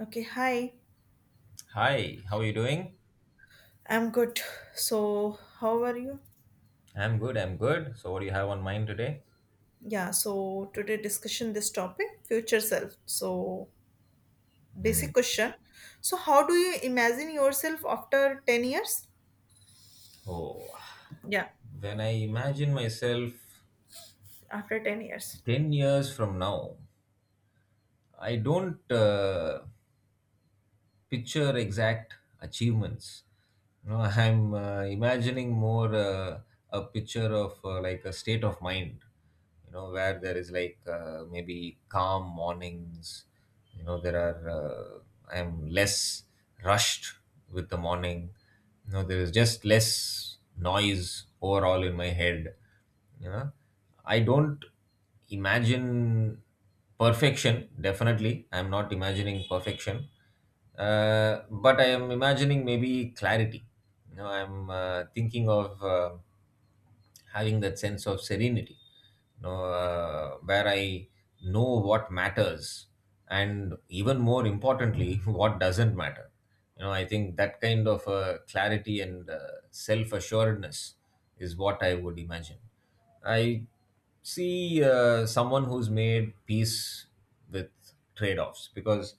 Okay, hi. Hi, how are you doing? I'm good. So, how are you? I'm good, I'm good. So, what do you have on mind today? Yeah, so today discussion this topic, future self. So, Hmm. basic question. So, how do you imagine yourself after 10 years? Oh, Yeah, when I imagine myself after 10 years. 10 years from now, I don't picture exact achievements. You know, I'm imagining more a picture of like a state of mind, you know, where there is maybe calm mornings, you know, there are, I'm less rushed with the morning. You know, there is just less noise overall in my head, you know. I don't imagine perfection, definitely. I'm not imagining perfection, but I am imagining maybe clarity. You know, I'm thinking of having that sense of serenity, you know, where I know what matters, and even more importantly, what doesn't matter. You know, I think that kind of clarity and self assuredness is what I would imagine. I see someone who's made peace with trade offs, because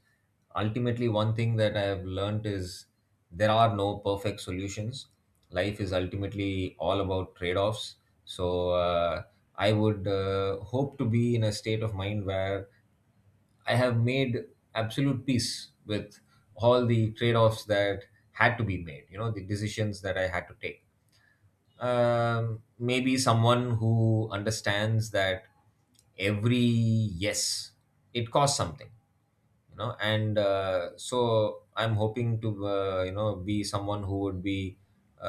ultimately, one thing that I've learned is there are no perfect solutions. Life is ultimately all about trade offs. So, I would hope to be in a state of mind where I have made absolute peace with all the trade offs that had to be made, you know, the decisions that I had to take, maybe someone who understands that every yes, it costs something, you know. And so I'm hoping to, you know, be someone who would be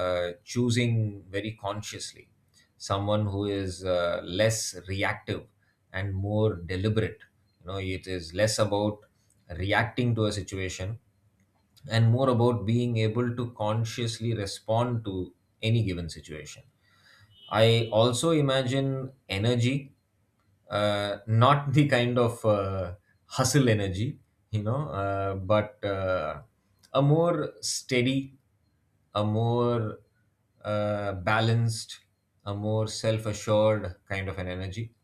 choosing very consciously, someone who is less reactive and more deliberate. You know, it is less about reacting to a situation and more about being able to consciously respond to any given situation. I also imagine energy, not the kind of hustle energy, you know, but a more steady, a more balanced, a more self assured kind of an energy,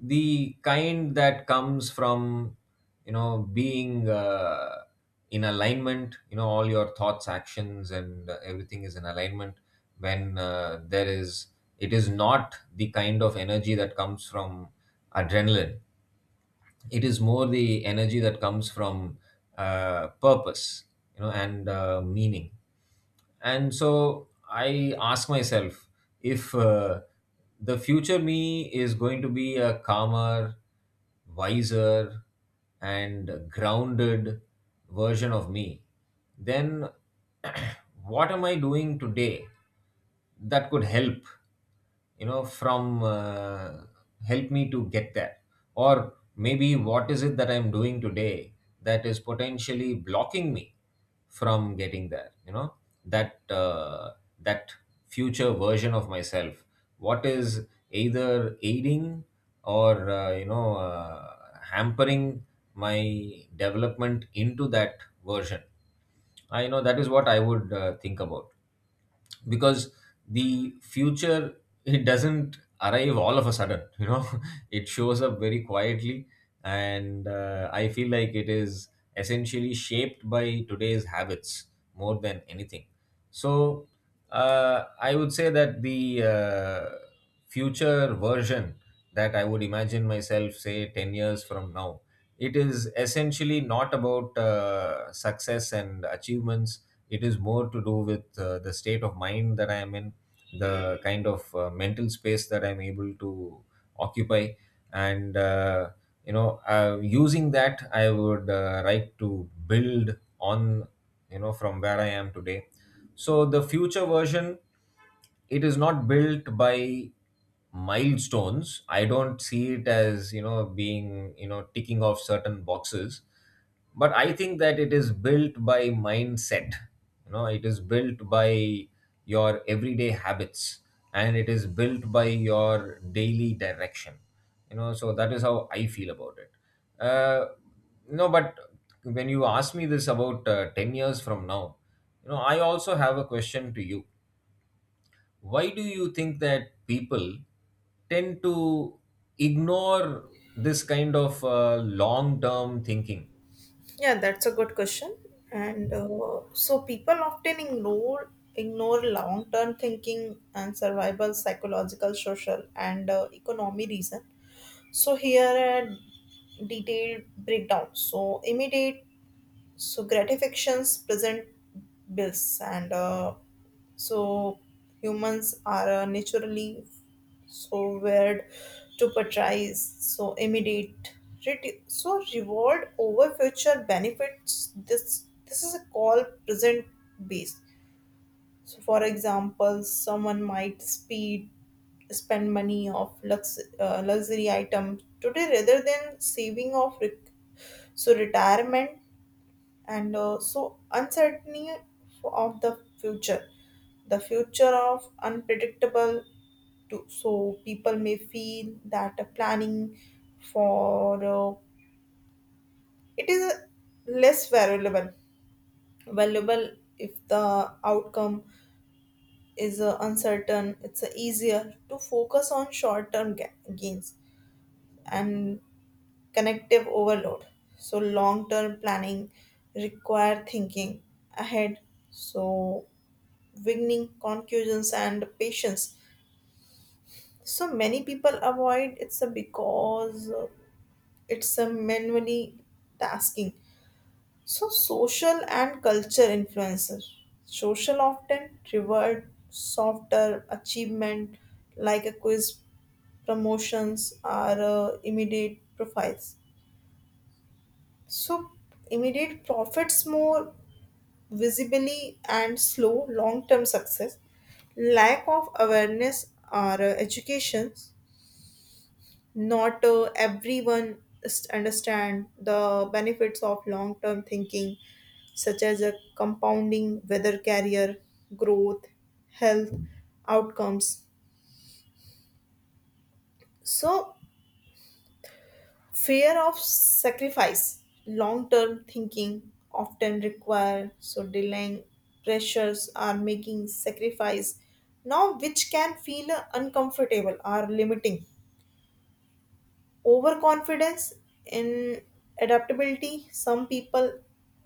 the kind that comes from, you know, being in alignment. You know, all your thoughts, actions, and everything is in alignment. When there is It is not the kind of energy that comes from adrenaline. It is more the energy that comes from purpose, you know, and meaning. And so I ask myself, if the future me is going to be a calmer, wiser, and grounded version of me, then what am I doing today that could help, you know, from help me to get there? Or maybe what is it that I'm doing today that is potentially blocking me from getting there, you know, that uh, that future version of myself, what is either aiding or, you know, hampering my development into that version. I know that is what I would think about, because the future, it doesn't arrive all of a sudden, you know. It shows up very quietly, and I feel like it is essentially shaped by today's habits, more than anything. So, I would say that the future version that I would imagine myself, say, 10 years from now, it is essentially not about success and achievements. It is more to do with the state of mind that I am in, the kind of mental space that I'm able to occupy, and, you know, using that, I would like to build on, you know, from where I am today. So the future version, it is not built by milestones. I don't see it as, you know, being, you know, ticking off certain boxes, but I think that it is built by mindset. You know, it is built by your everyday habits, and it is built by your daily direction, you know. So that is how I feel about it. uh, no, but when you ask me this about 10 years from now, you know, I also have a question to you. Why do you think that people tend to ignore this kind of long term thinking? Yeah, that's a good question. And so people often ignore long term thinking and survival, psychological, social, and economy reason. So here a detailed breakdown. So immediate so gratifications present bills and so humans are naturally so weird to prioritize so immediate so reward over future benefits. This is a call present based. So for example someone might speed spend money of luxury item today rather than saving of so retirement. And so uncertainty of the future, the future of unpredictable to so people may feel that the planning for it is less valuable if the outcome is uncertain. It's easier to focus on short term gains and connective overload. So long term planning require thinking ahead, so beginning concussions and patience. So many people avoid it's a because it's a manually tasking. So social and culture influences social often reward softer achievement like a quiz, promotions or immediate profiles, so immediate profits more visibly and slow long term success, lack of awareness or education, not everyone understand the benefits of long term thinking such as a compounding weather carrier growth, health outcomes. So fear of sacrifice, long term thinking often require so delaying pressures are making sacrifice now, which can feel uncomfortable or limiting. Overconfidence in adaptability, some people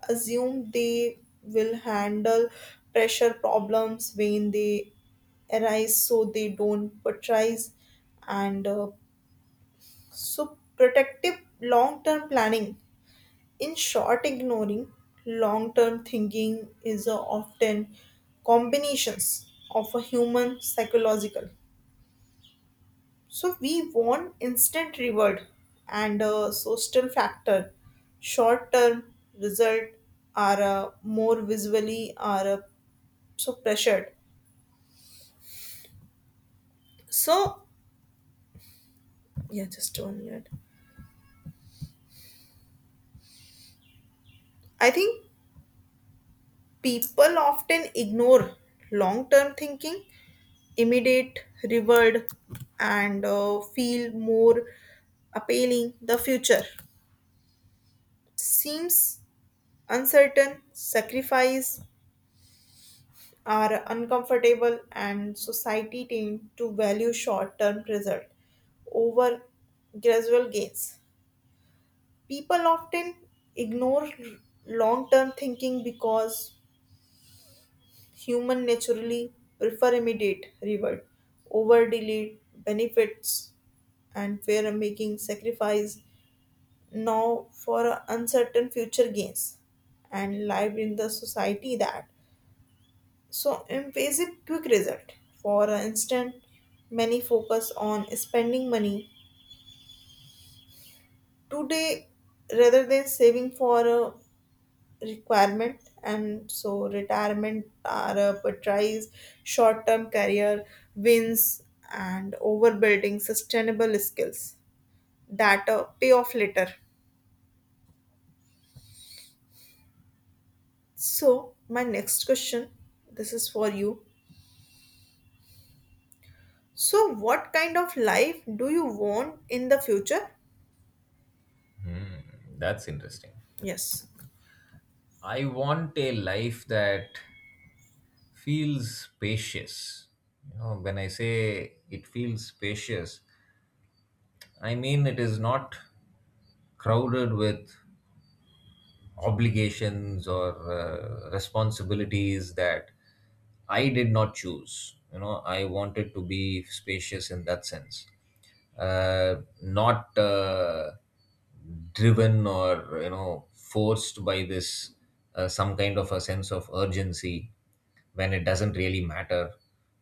assume they will handle pressure problems when they arise, so they don't patronize and so protective long-term planning. In short, ignoring long term thinking is a often combinations of a human psychological. So we want instant reward and a social factor. Short term result are more visually are so pressured. So yeah, just one minute. I think people often ignore long term thinking immediate, reward and feel more appealing. The future seems uncertain, sacrifice are uncomfortable, and society tend to value short term result over gradual gains. People often ignore long term thinking because human naturally prefer immediate reward over delayed benefits and fear making sacrifice now for uncertain future gains and live in the society that so embrace a quick result. For instance, many focus on spending money today rather than saving for a requirement and so retirement are a portrays short-term career wins and overbuilding sustainable skills that pay off later. So my next question, this is for you. So, what kind of life do you want in the future? Hmm, that's interesting. Yes, I want a life that feels spacious. You know, when I say it feels spacious, I mean it is not crowded with obligations or responsibilities that I did not choose. You know, I wanted to be spacious in that sense, not. Driven or, you know, forced by this some kind of a sense of urgency when it doesn't really matter,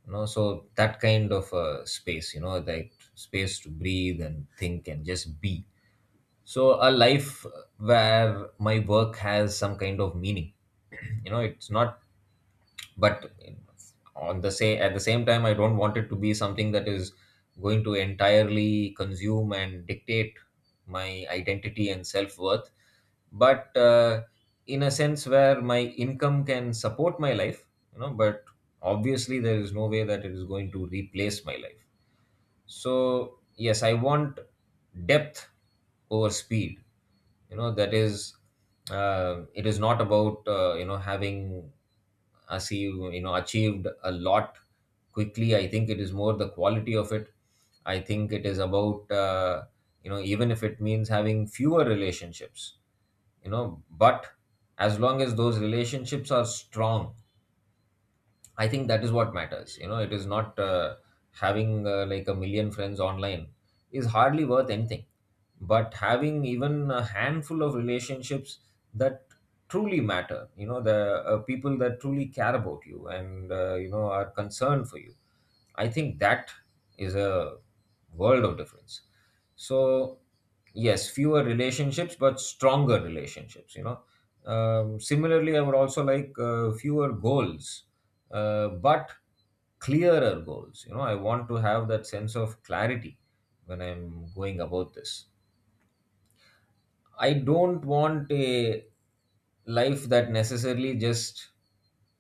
you know. So that kind of space, you know, that space to breathe and think and just be. So a life where my work has some kind of meaning, you know, it's not, but on the same at the same time, I don't want it to be something that is going to entirely consume and dictate my identity and self-worth, but in a sense where my income can support my life, you know, but obviously there is no way that it is going to replace my life. So, yes, I want depth over speed. You know, that is, it is not about, you know, having achieved a lot quickly. I think it is more the quality of it. I think it is about, you know, even if it means having fewer relationships, you know, but as long as those relationships are strong, I think that is what matters. You know, it is not having like a million friends online is hardly worth anything. But having even a handful of relationships that truly matter, you know, the people that truly care about you and, you know, are concerned for you, I think that is a world of difference. So, yes, fewer relationships, but stronger relationships, you know. Similarly, I would also like fewer goals, but clearer goals. You know, I want to have that sense of clarity when I'm going about this. I don't want a life that necessarily just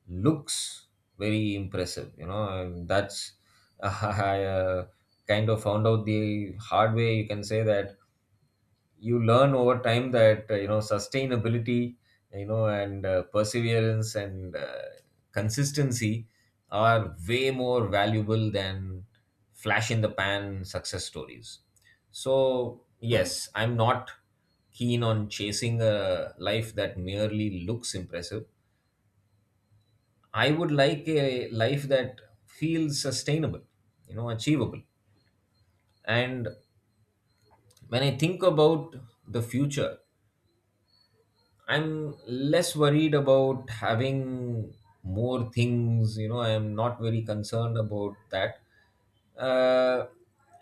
looks very impressive. You know, and that's I kind of found out the hard way. You can say that you learn over time that, you know, sustainability, you know, and perseverance, and consistency are way more valuable than flash in the pan success stories. So yes, I'm not keen on chasing a life that merely looks impressive. I would like a life that feels sustainable, you know, achievable. And when I think about the future, I'm less worried about having more things. You know, I am not very concerned about that. Uh,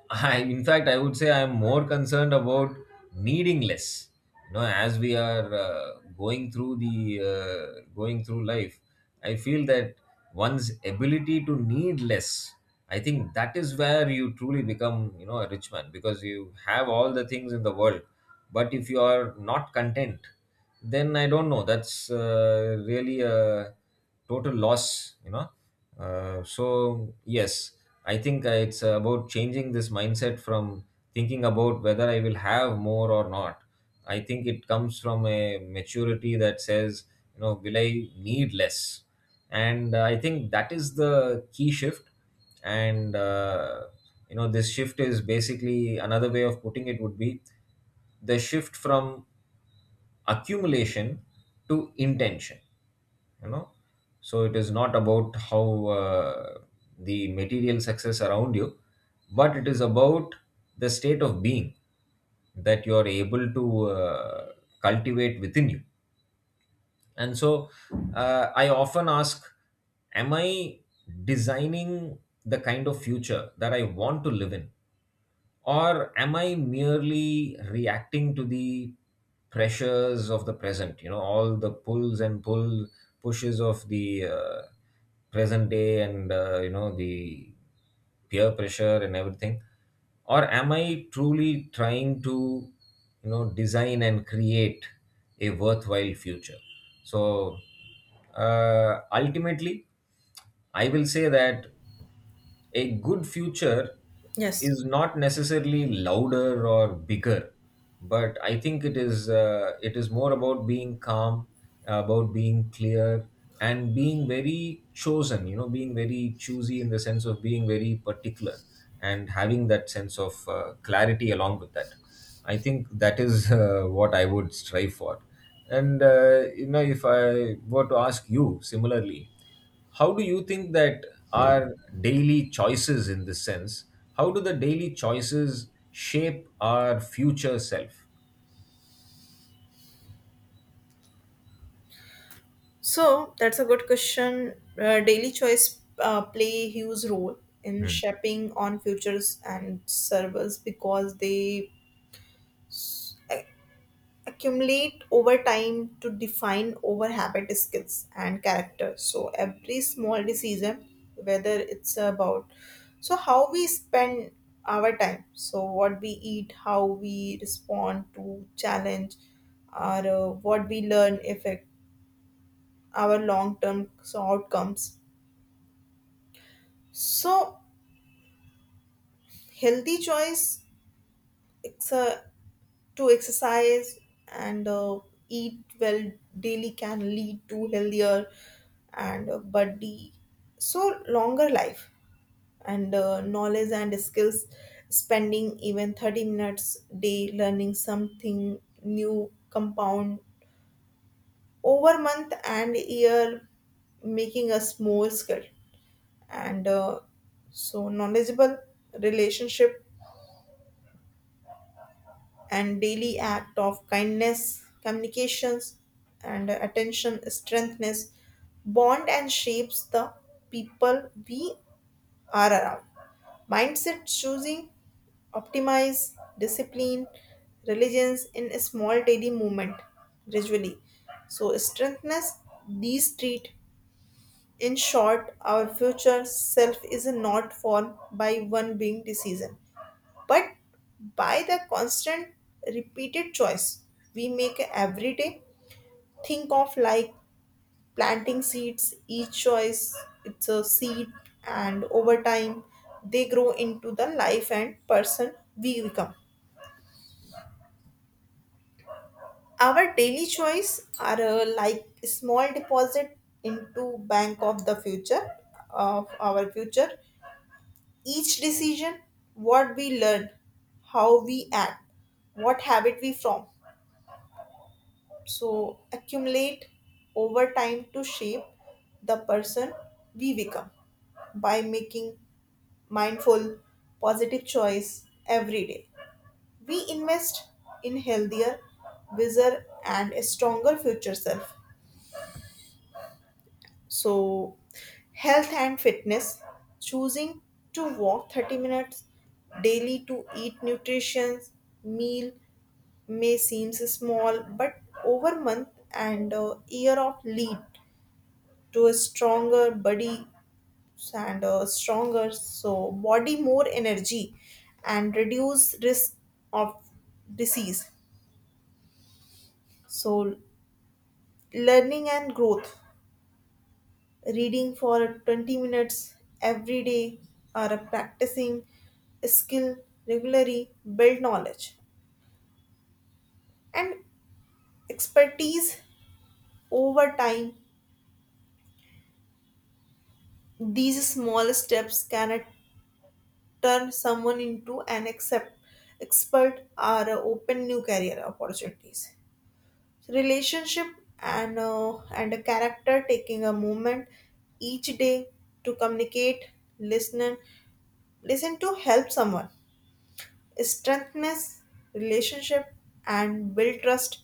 I, in fact, I would say I'm more concerned about needing less. You know, as we are going through the going through life, I feel that one's ability to need less. I think that is where you truly become, you know, a rich man, because you have all the things in the world, but if you are not content, then I don't know. That's really a total loss, you know. So yes, I think it's about changing this mindset from thinking about whether I will have more or not. I think it comes from a maturity that says, you know, will I need less? And I think that is the key shift. And, you know, this shift is basically another way of putting it would be the shift from accumulation to intention, you know. So it is not about how the material success around you, but it is about the state of being that you are able to uh, cultivate within you. And so, I often ask, am I designing the kind of future that I want to live in, or am I merely reacting to the pressures of the present, you know, all the pulls and pull pushes of the present day, and, you know, the peer pressure and everything, or am I truly trying to, you know, design and create a worthwhile future. So, ultimately I will say that a good future yes. is not necessarily louder or bigger, but I think it is, it is more about being calm, about being clear, and being very chosen, you know, being very choosy in the sense of being very particular, and having that sense of clarity along with that, I think that is what I would strive for. And, you know, if I were to ask you similarly, how do you think that our daily choices in this sense, how do the daily choices shape our future self? So, that's a good question. Daily choice play a huge role in Hmm. shaping on futures and servers because they accumulate over time to define over habit skills and character. So every small decision, whether it's about so how we spend our time, so what we eat, how we respond to challenge or what we learn, affect our long term outcomes. So healthy choice, it's a to exercise and eat well daily, can lead to healthier and body, so longer life. And knowledge and skills, spending even 30 minutes day learning something new compound over month and year, making us more skilled and so knowledgeable. Relationship and daily act of kindness, communications, and attention strengthens bond and shapes the people we are around. Mindset choosing, optimize, discipline, religions in a small daily movement gradually. So strengthness these treat. In short, our future self is not formed by one being decision but by the constant repeated choice we make every day. Think of like planting seeds, each choice it's a seed, and over time they grow into the life and person we become. Our daily choice are like small deposit into bank of the future, of our future. Each decision, what we learn, how we act, what habit we form, so accumulate over time to shape the person we become. By making mindful positive choice every day, we invest in healthier, wiser and a stronger future self. So health and fitness, choosing to walk 30 minutes daily, to eat nutritious meal, may seem small but over month and year of lead to a stronger body and a stronger so body, more energy and reduce risk of disease. So learning and growth, reading for 20 minutes every day or practicing a skill regularly build knowledge and expertise over time. These small steps can turn someone into an expert or open new career opportunities. Relationship and and a character, taking a moment each day to communicate, listen, listen to help someone, strengthens relationship and build trust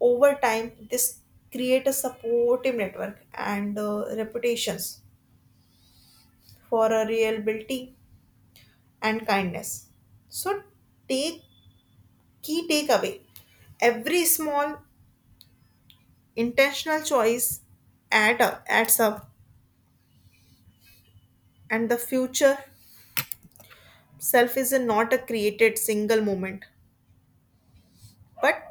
over time. This create a supportive network and reputations for a reliability and kindness. So take key takeaway, every small intentional choice adds up, and the future self is not a created single moment but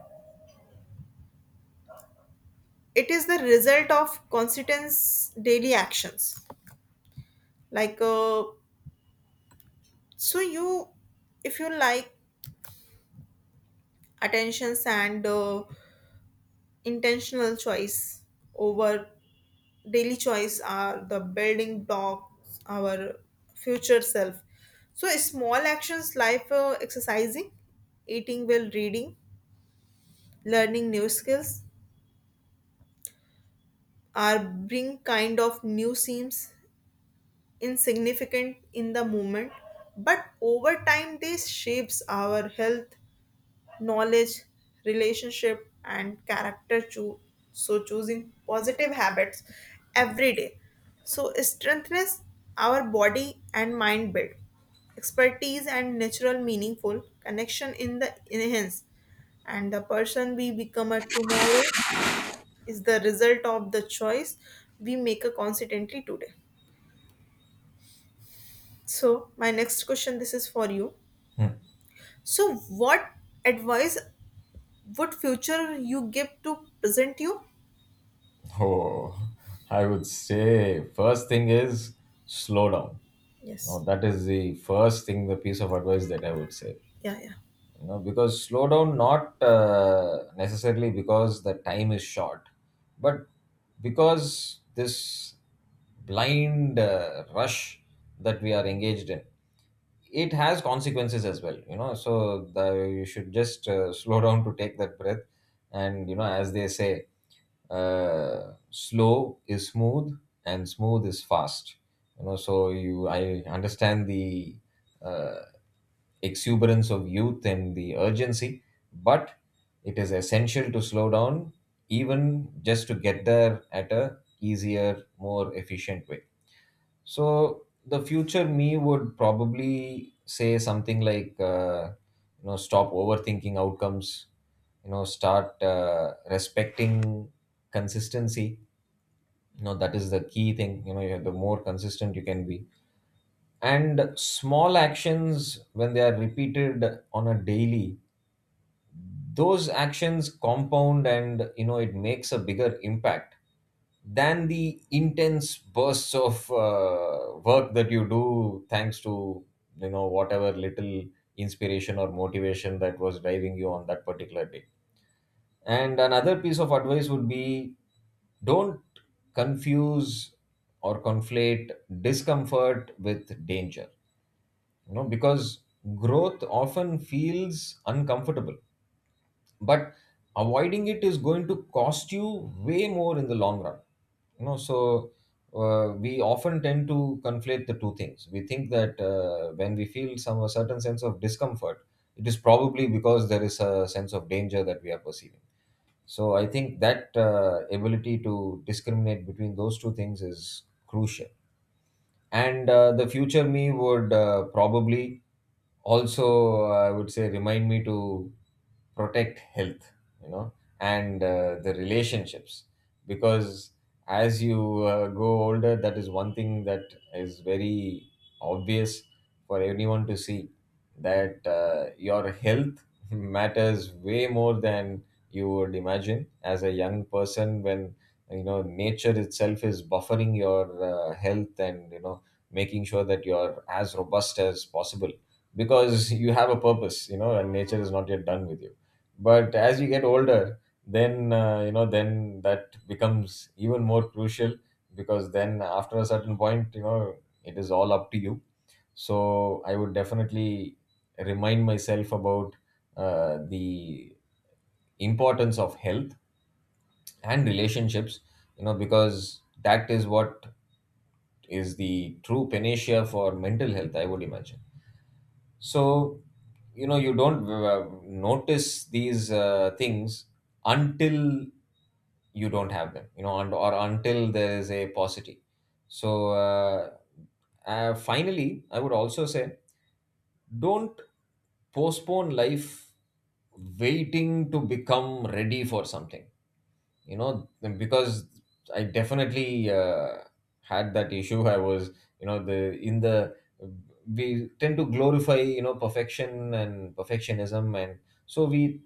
it is the result of consistent daily actions. Like so you if you like attentions and intentional choice over daily choice are the building blocks our future self. So small actions like exercising, eating well, reading, learning new skills are bring kind of new seems insignificant in the moment but over time they shapes our health, knowledge, relationship, and character. So, choosing positive habits every day. So, strengthens our body and mind build. Expertise and natural meaningful connection in the enhance. And the person we become a tomorrow is the result of the choice we make a consistently today. So, my next question, this is for you. So, what advice would future you give to present you? Oh, I would say first thing is slow down. Now Yes. that is the first thing, the piece of advice that I would say. Yeah, yeah. You know, because slow down, not necessarily because the time is short, but because this blind rush that we are engaged in, it has consequences as well, you know. You should just slow down to take that breath. And you know, as they say, slow is smooth and smooth is fast, you know. So you I understand the uh, exuberance of youth and the urgency, but it is essential to slow down, even just to get there at a easier, more efficient way. So the future me would probably say something like, you know, stop overthinking outcomes, you know, start respecting consistency. You know, that is the key thing. You know, you have, the more consistent you can be and small actions when they are repeated on a daily, those actions compound, and you know, it makes a bigger impact than the intense bursts of work that you do thanks to, you know, whatever little inspiration or motivation that was driving you on that particular day. And another piece of advice would be, don't confuse or conflate discomfort with danger, you know, because growth often feels uncomfortable, but avoiding it is going to cost you way more in the long run, you know. So we often tend to conflate the two things. We think that when we feel some a certain sense of discomfort, it is probably because there is a sense of danger that we are perceiving. So I think that ability to discriminate between those two things is crucial. And the future me would probably also, I would say, remind me to protect health, you know, and the relationships, because as you go older, that is one thing that is very obvious for anyone to see, that your health matters way more than you would imagine as a young person, when you know, nature itself is buffering your health and you know, making sure that you're as robust as possible, because you have a purpose, you know, and nature is not yet done with you. But as you get older, then you know, then that becomes even more crucial, because then after a certain point, you know, it is all up to you. So I would definitely remind myself about the importance of health and relationships, you know, because that is what is the true panacea for mental health, I would imagine. So you know, you don't notice these things until you don't have them, you know, and, or until there is a paucity. So finally, I would also say, don't postpone life waiting to become ready for something, you know, because I definitely had that issue. I was, you know, the in the we tend to glorify, you know, perfection and perfectionism, and so we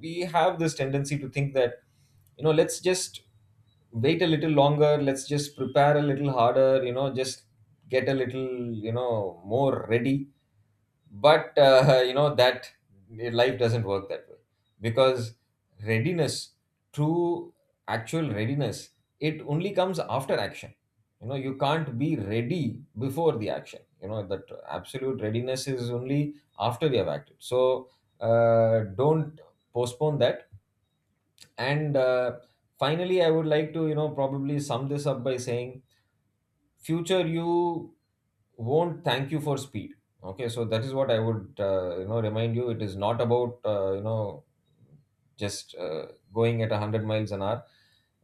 we have this tendency to think that, you know, let's just wait a little longer, let's just prepare a little harder, you know, just get a little, you know, more ready. But you know, that life doesn't work that way, because readiness, true actual readiness, it only comes after action. You know, you can't be ready before the action. You know that absolute readiness is only after we have acted. So don't postpone that. And finally, I would like to, you know, probably sum this up by saying future you won't thank you for speed. Okay, so that is what I would, you know, remind you. It is not about you know, just going at 100 miles an hour.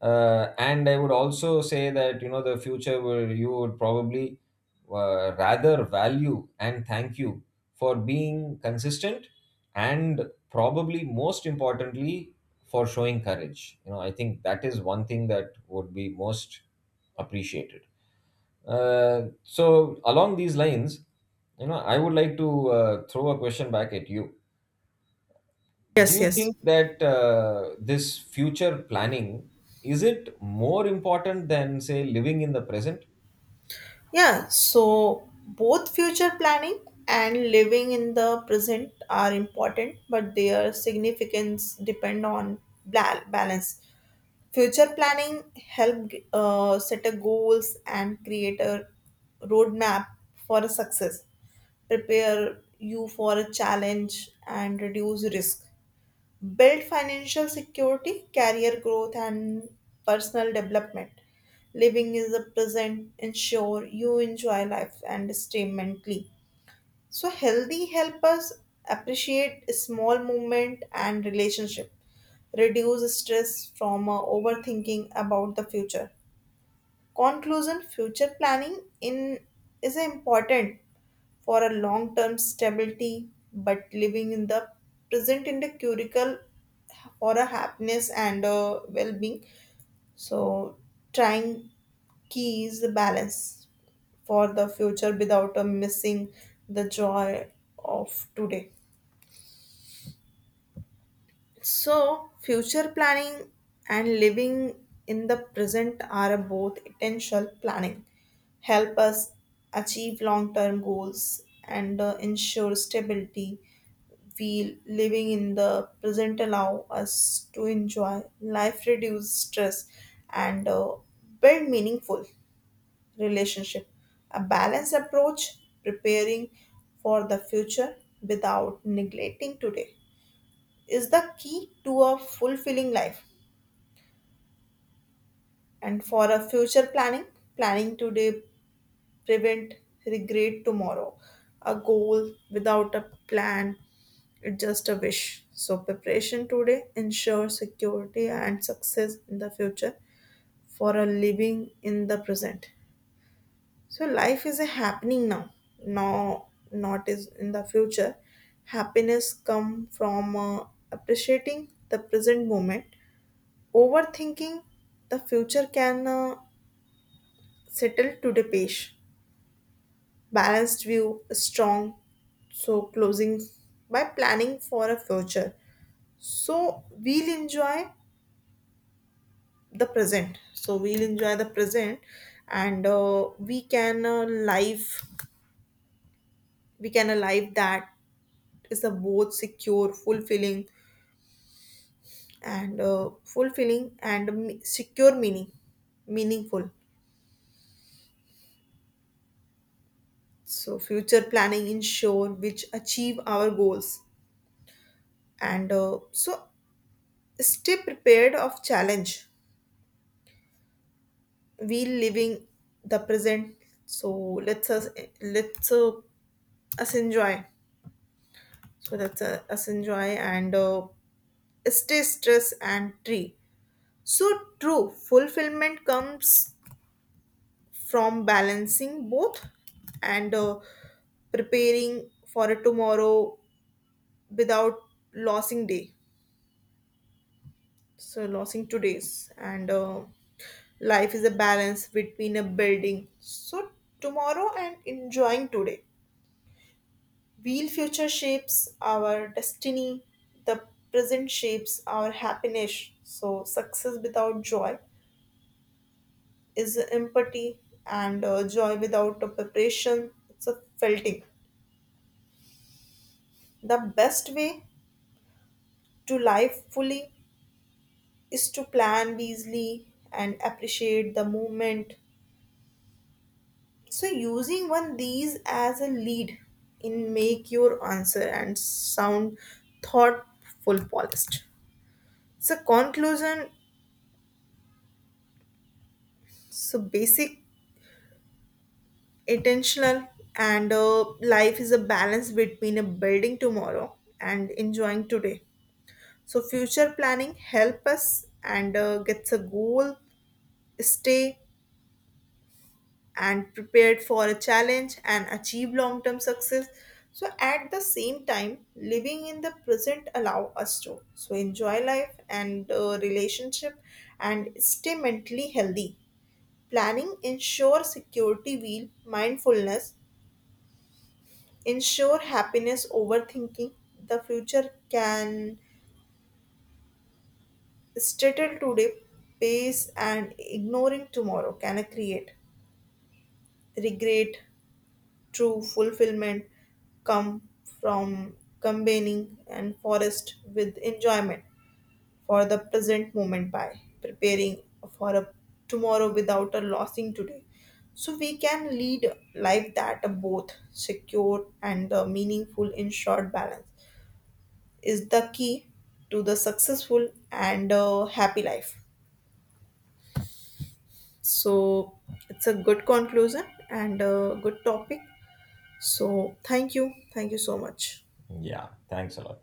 And I would also say that, you know, the future where you would probably rather value and thank you for being consistent, and probably most importantly, for showing courage. You know, I think that is one thing that would be most appreciated. So along these lines, you know, I would like to throw a question back at you. Do Yes, you yes. think that this future planning, is it more important than say living in the present? Yeah, so both future planning and living in the present are important, but their significance depend on balance. Future planning help set a goals and create a roadmap for a success, prepare you for a challenge and reduce risk, build financial security, career growth, and personal development. Living is the present, ensure you enjoy life and stay mentally. So healthy help us appreciate small movement and relationship, reduce stress from overthinking about the future. Conclusion: future planning in is important for a long-term stability, but living in the present in the curricle or a happiness and a well-being, so trying keys the balance for the future without a missing the joy of today. So, future planning and living in the present are both essential planning, help us achieve long term goals and ensure stability. We living in the present allow us to enjoy life, reduce stress, and build meaningful relationship. A balanced approach preparing for the future without neglecting today is the key to a fulfilling life. And for a future planning, planning today prevent regret tomorrow. A goal without a plan is just a wish, so preparation today ensures security and success in the future. For a living in the present, so life is a happening now, now not is in the future. Happiness come from appreciating the present moment. Overthinking the future can settle to the page. Balanced view, strong, so closing by planning for a future. So we'll enjoy So we'll enjoy the present, and we can live. We can alive that is a both secure, fulfilling, and secure meaningful. So future planning ensure which achieve our goals and so stay prepared of challenge. We living the present, so let's us let's us enjoy. So let's us enjoy and stay stress and tree. So true fulfillment comes from balancing both. And preparing for a tomorrow without losing day, so losing today's. And life is a balance between a building so tomorrow and enjoying today. Real future shapes our destiny, the present shapes our happiness. So success without joy is empathy, and joy without a preparation it's a felting. The best way to live fully is to plan wisely and appreciate the moment. So using one these as a lead in make your answer and sound thoughtful polished. So conclusion, so basic intentional and life is a balance between a building tomorrow and enjoying today. So future planning help us and gets a goal, stay and prepared for a challenge and achieve long term success. So, at the same time, living in the present allow us to so enjoy life and relationship and stay mentally healthy. Planning ensure security wheel mindfulness, ensure happiness overthinking. The future can settle today, pace and ignoring tomorrow can create regret. True fulfillment come from combining and forest with enjoyment for the present moment by preparing for a tomorrow without a losing today. So we can lead life that are both secure and meaningful. In short balance is the key to the successful and happy life. So it's a good conclusion and a good topic. So thank you. Thank you so much. Yeah, thanks a lot.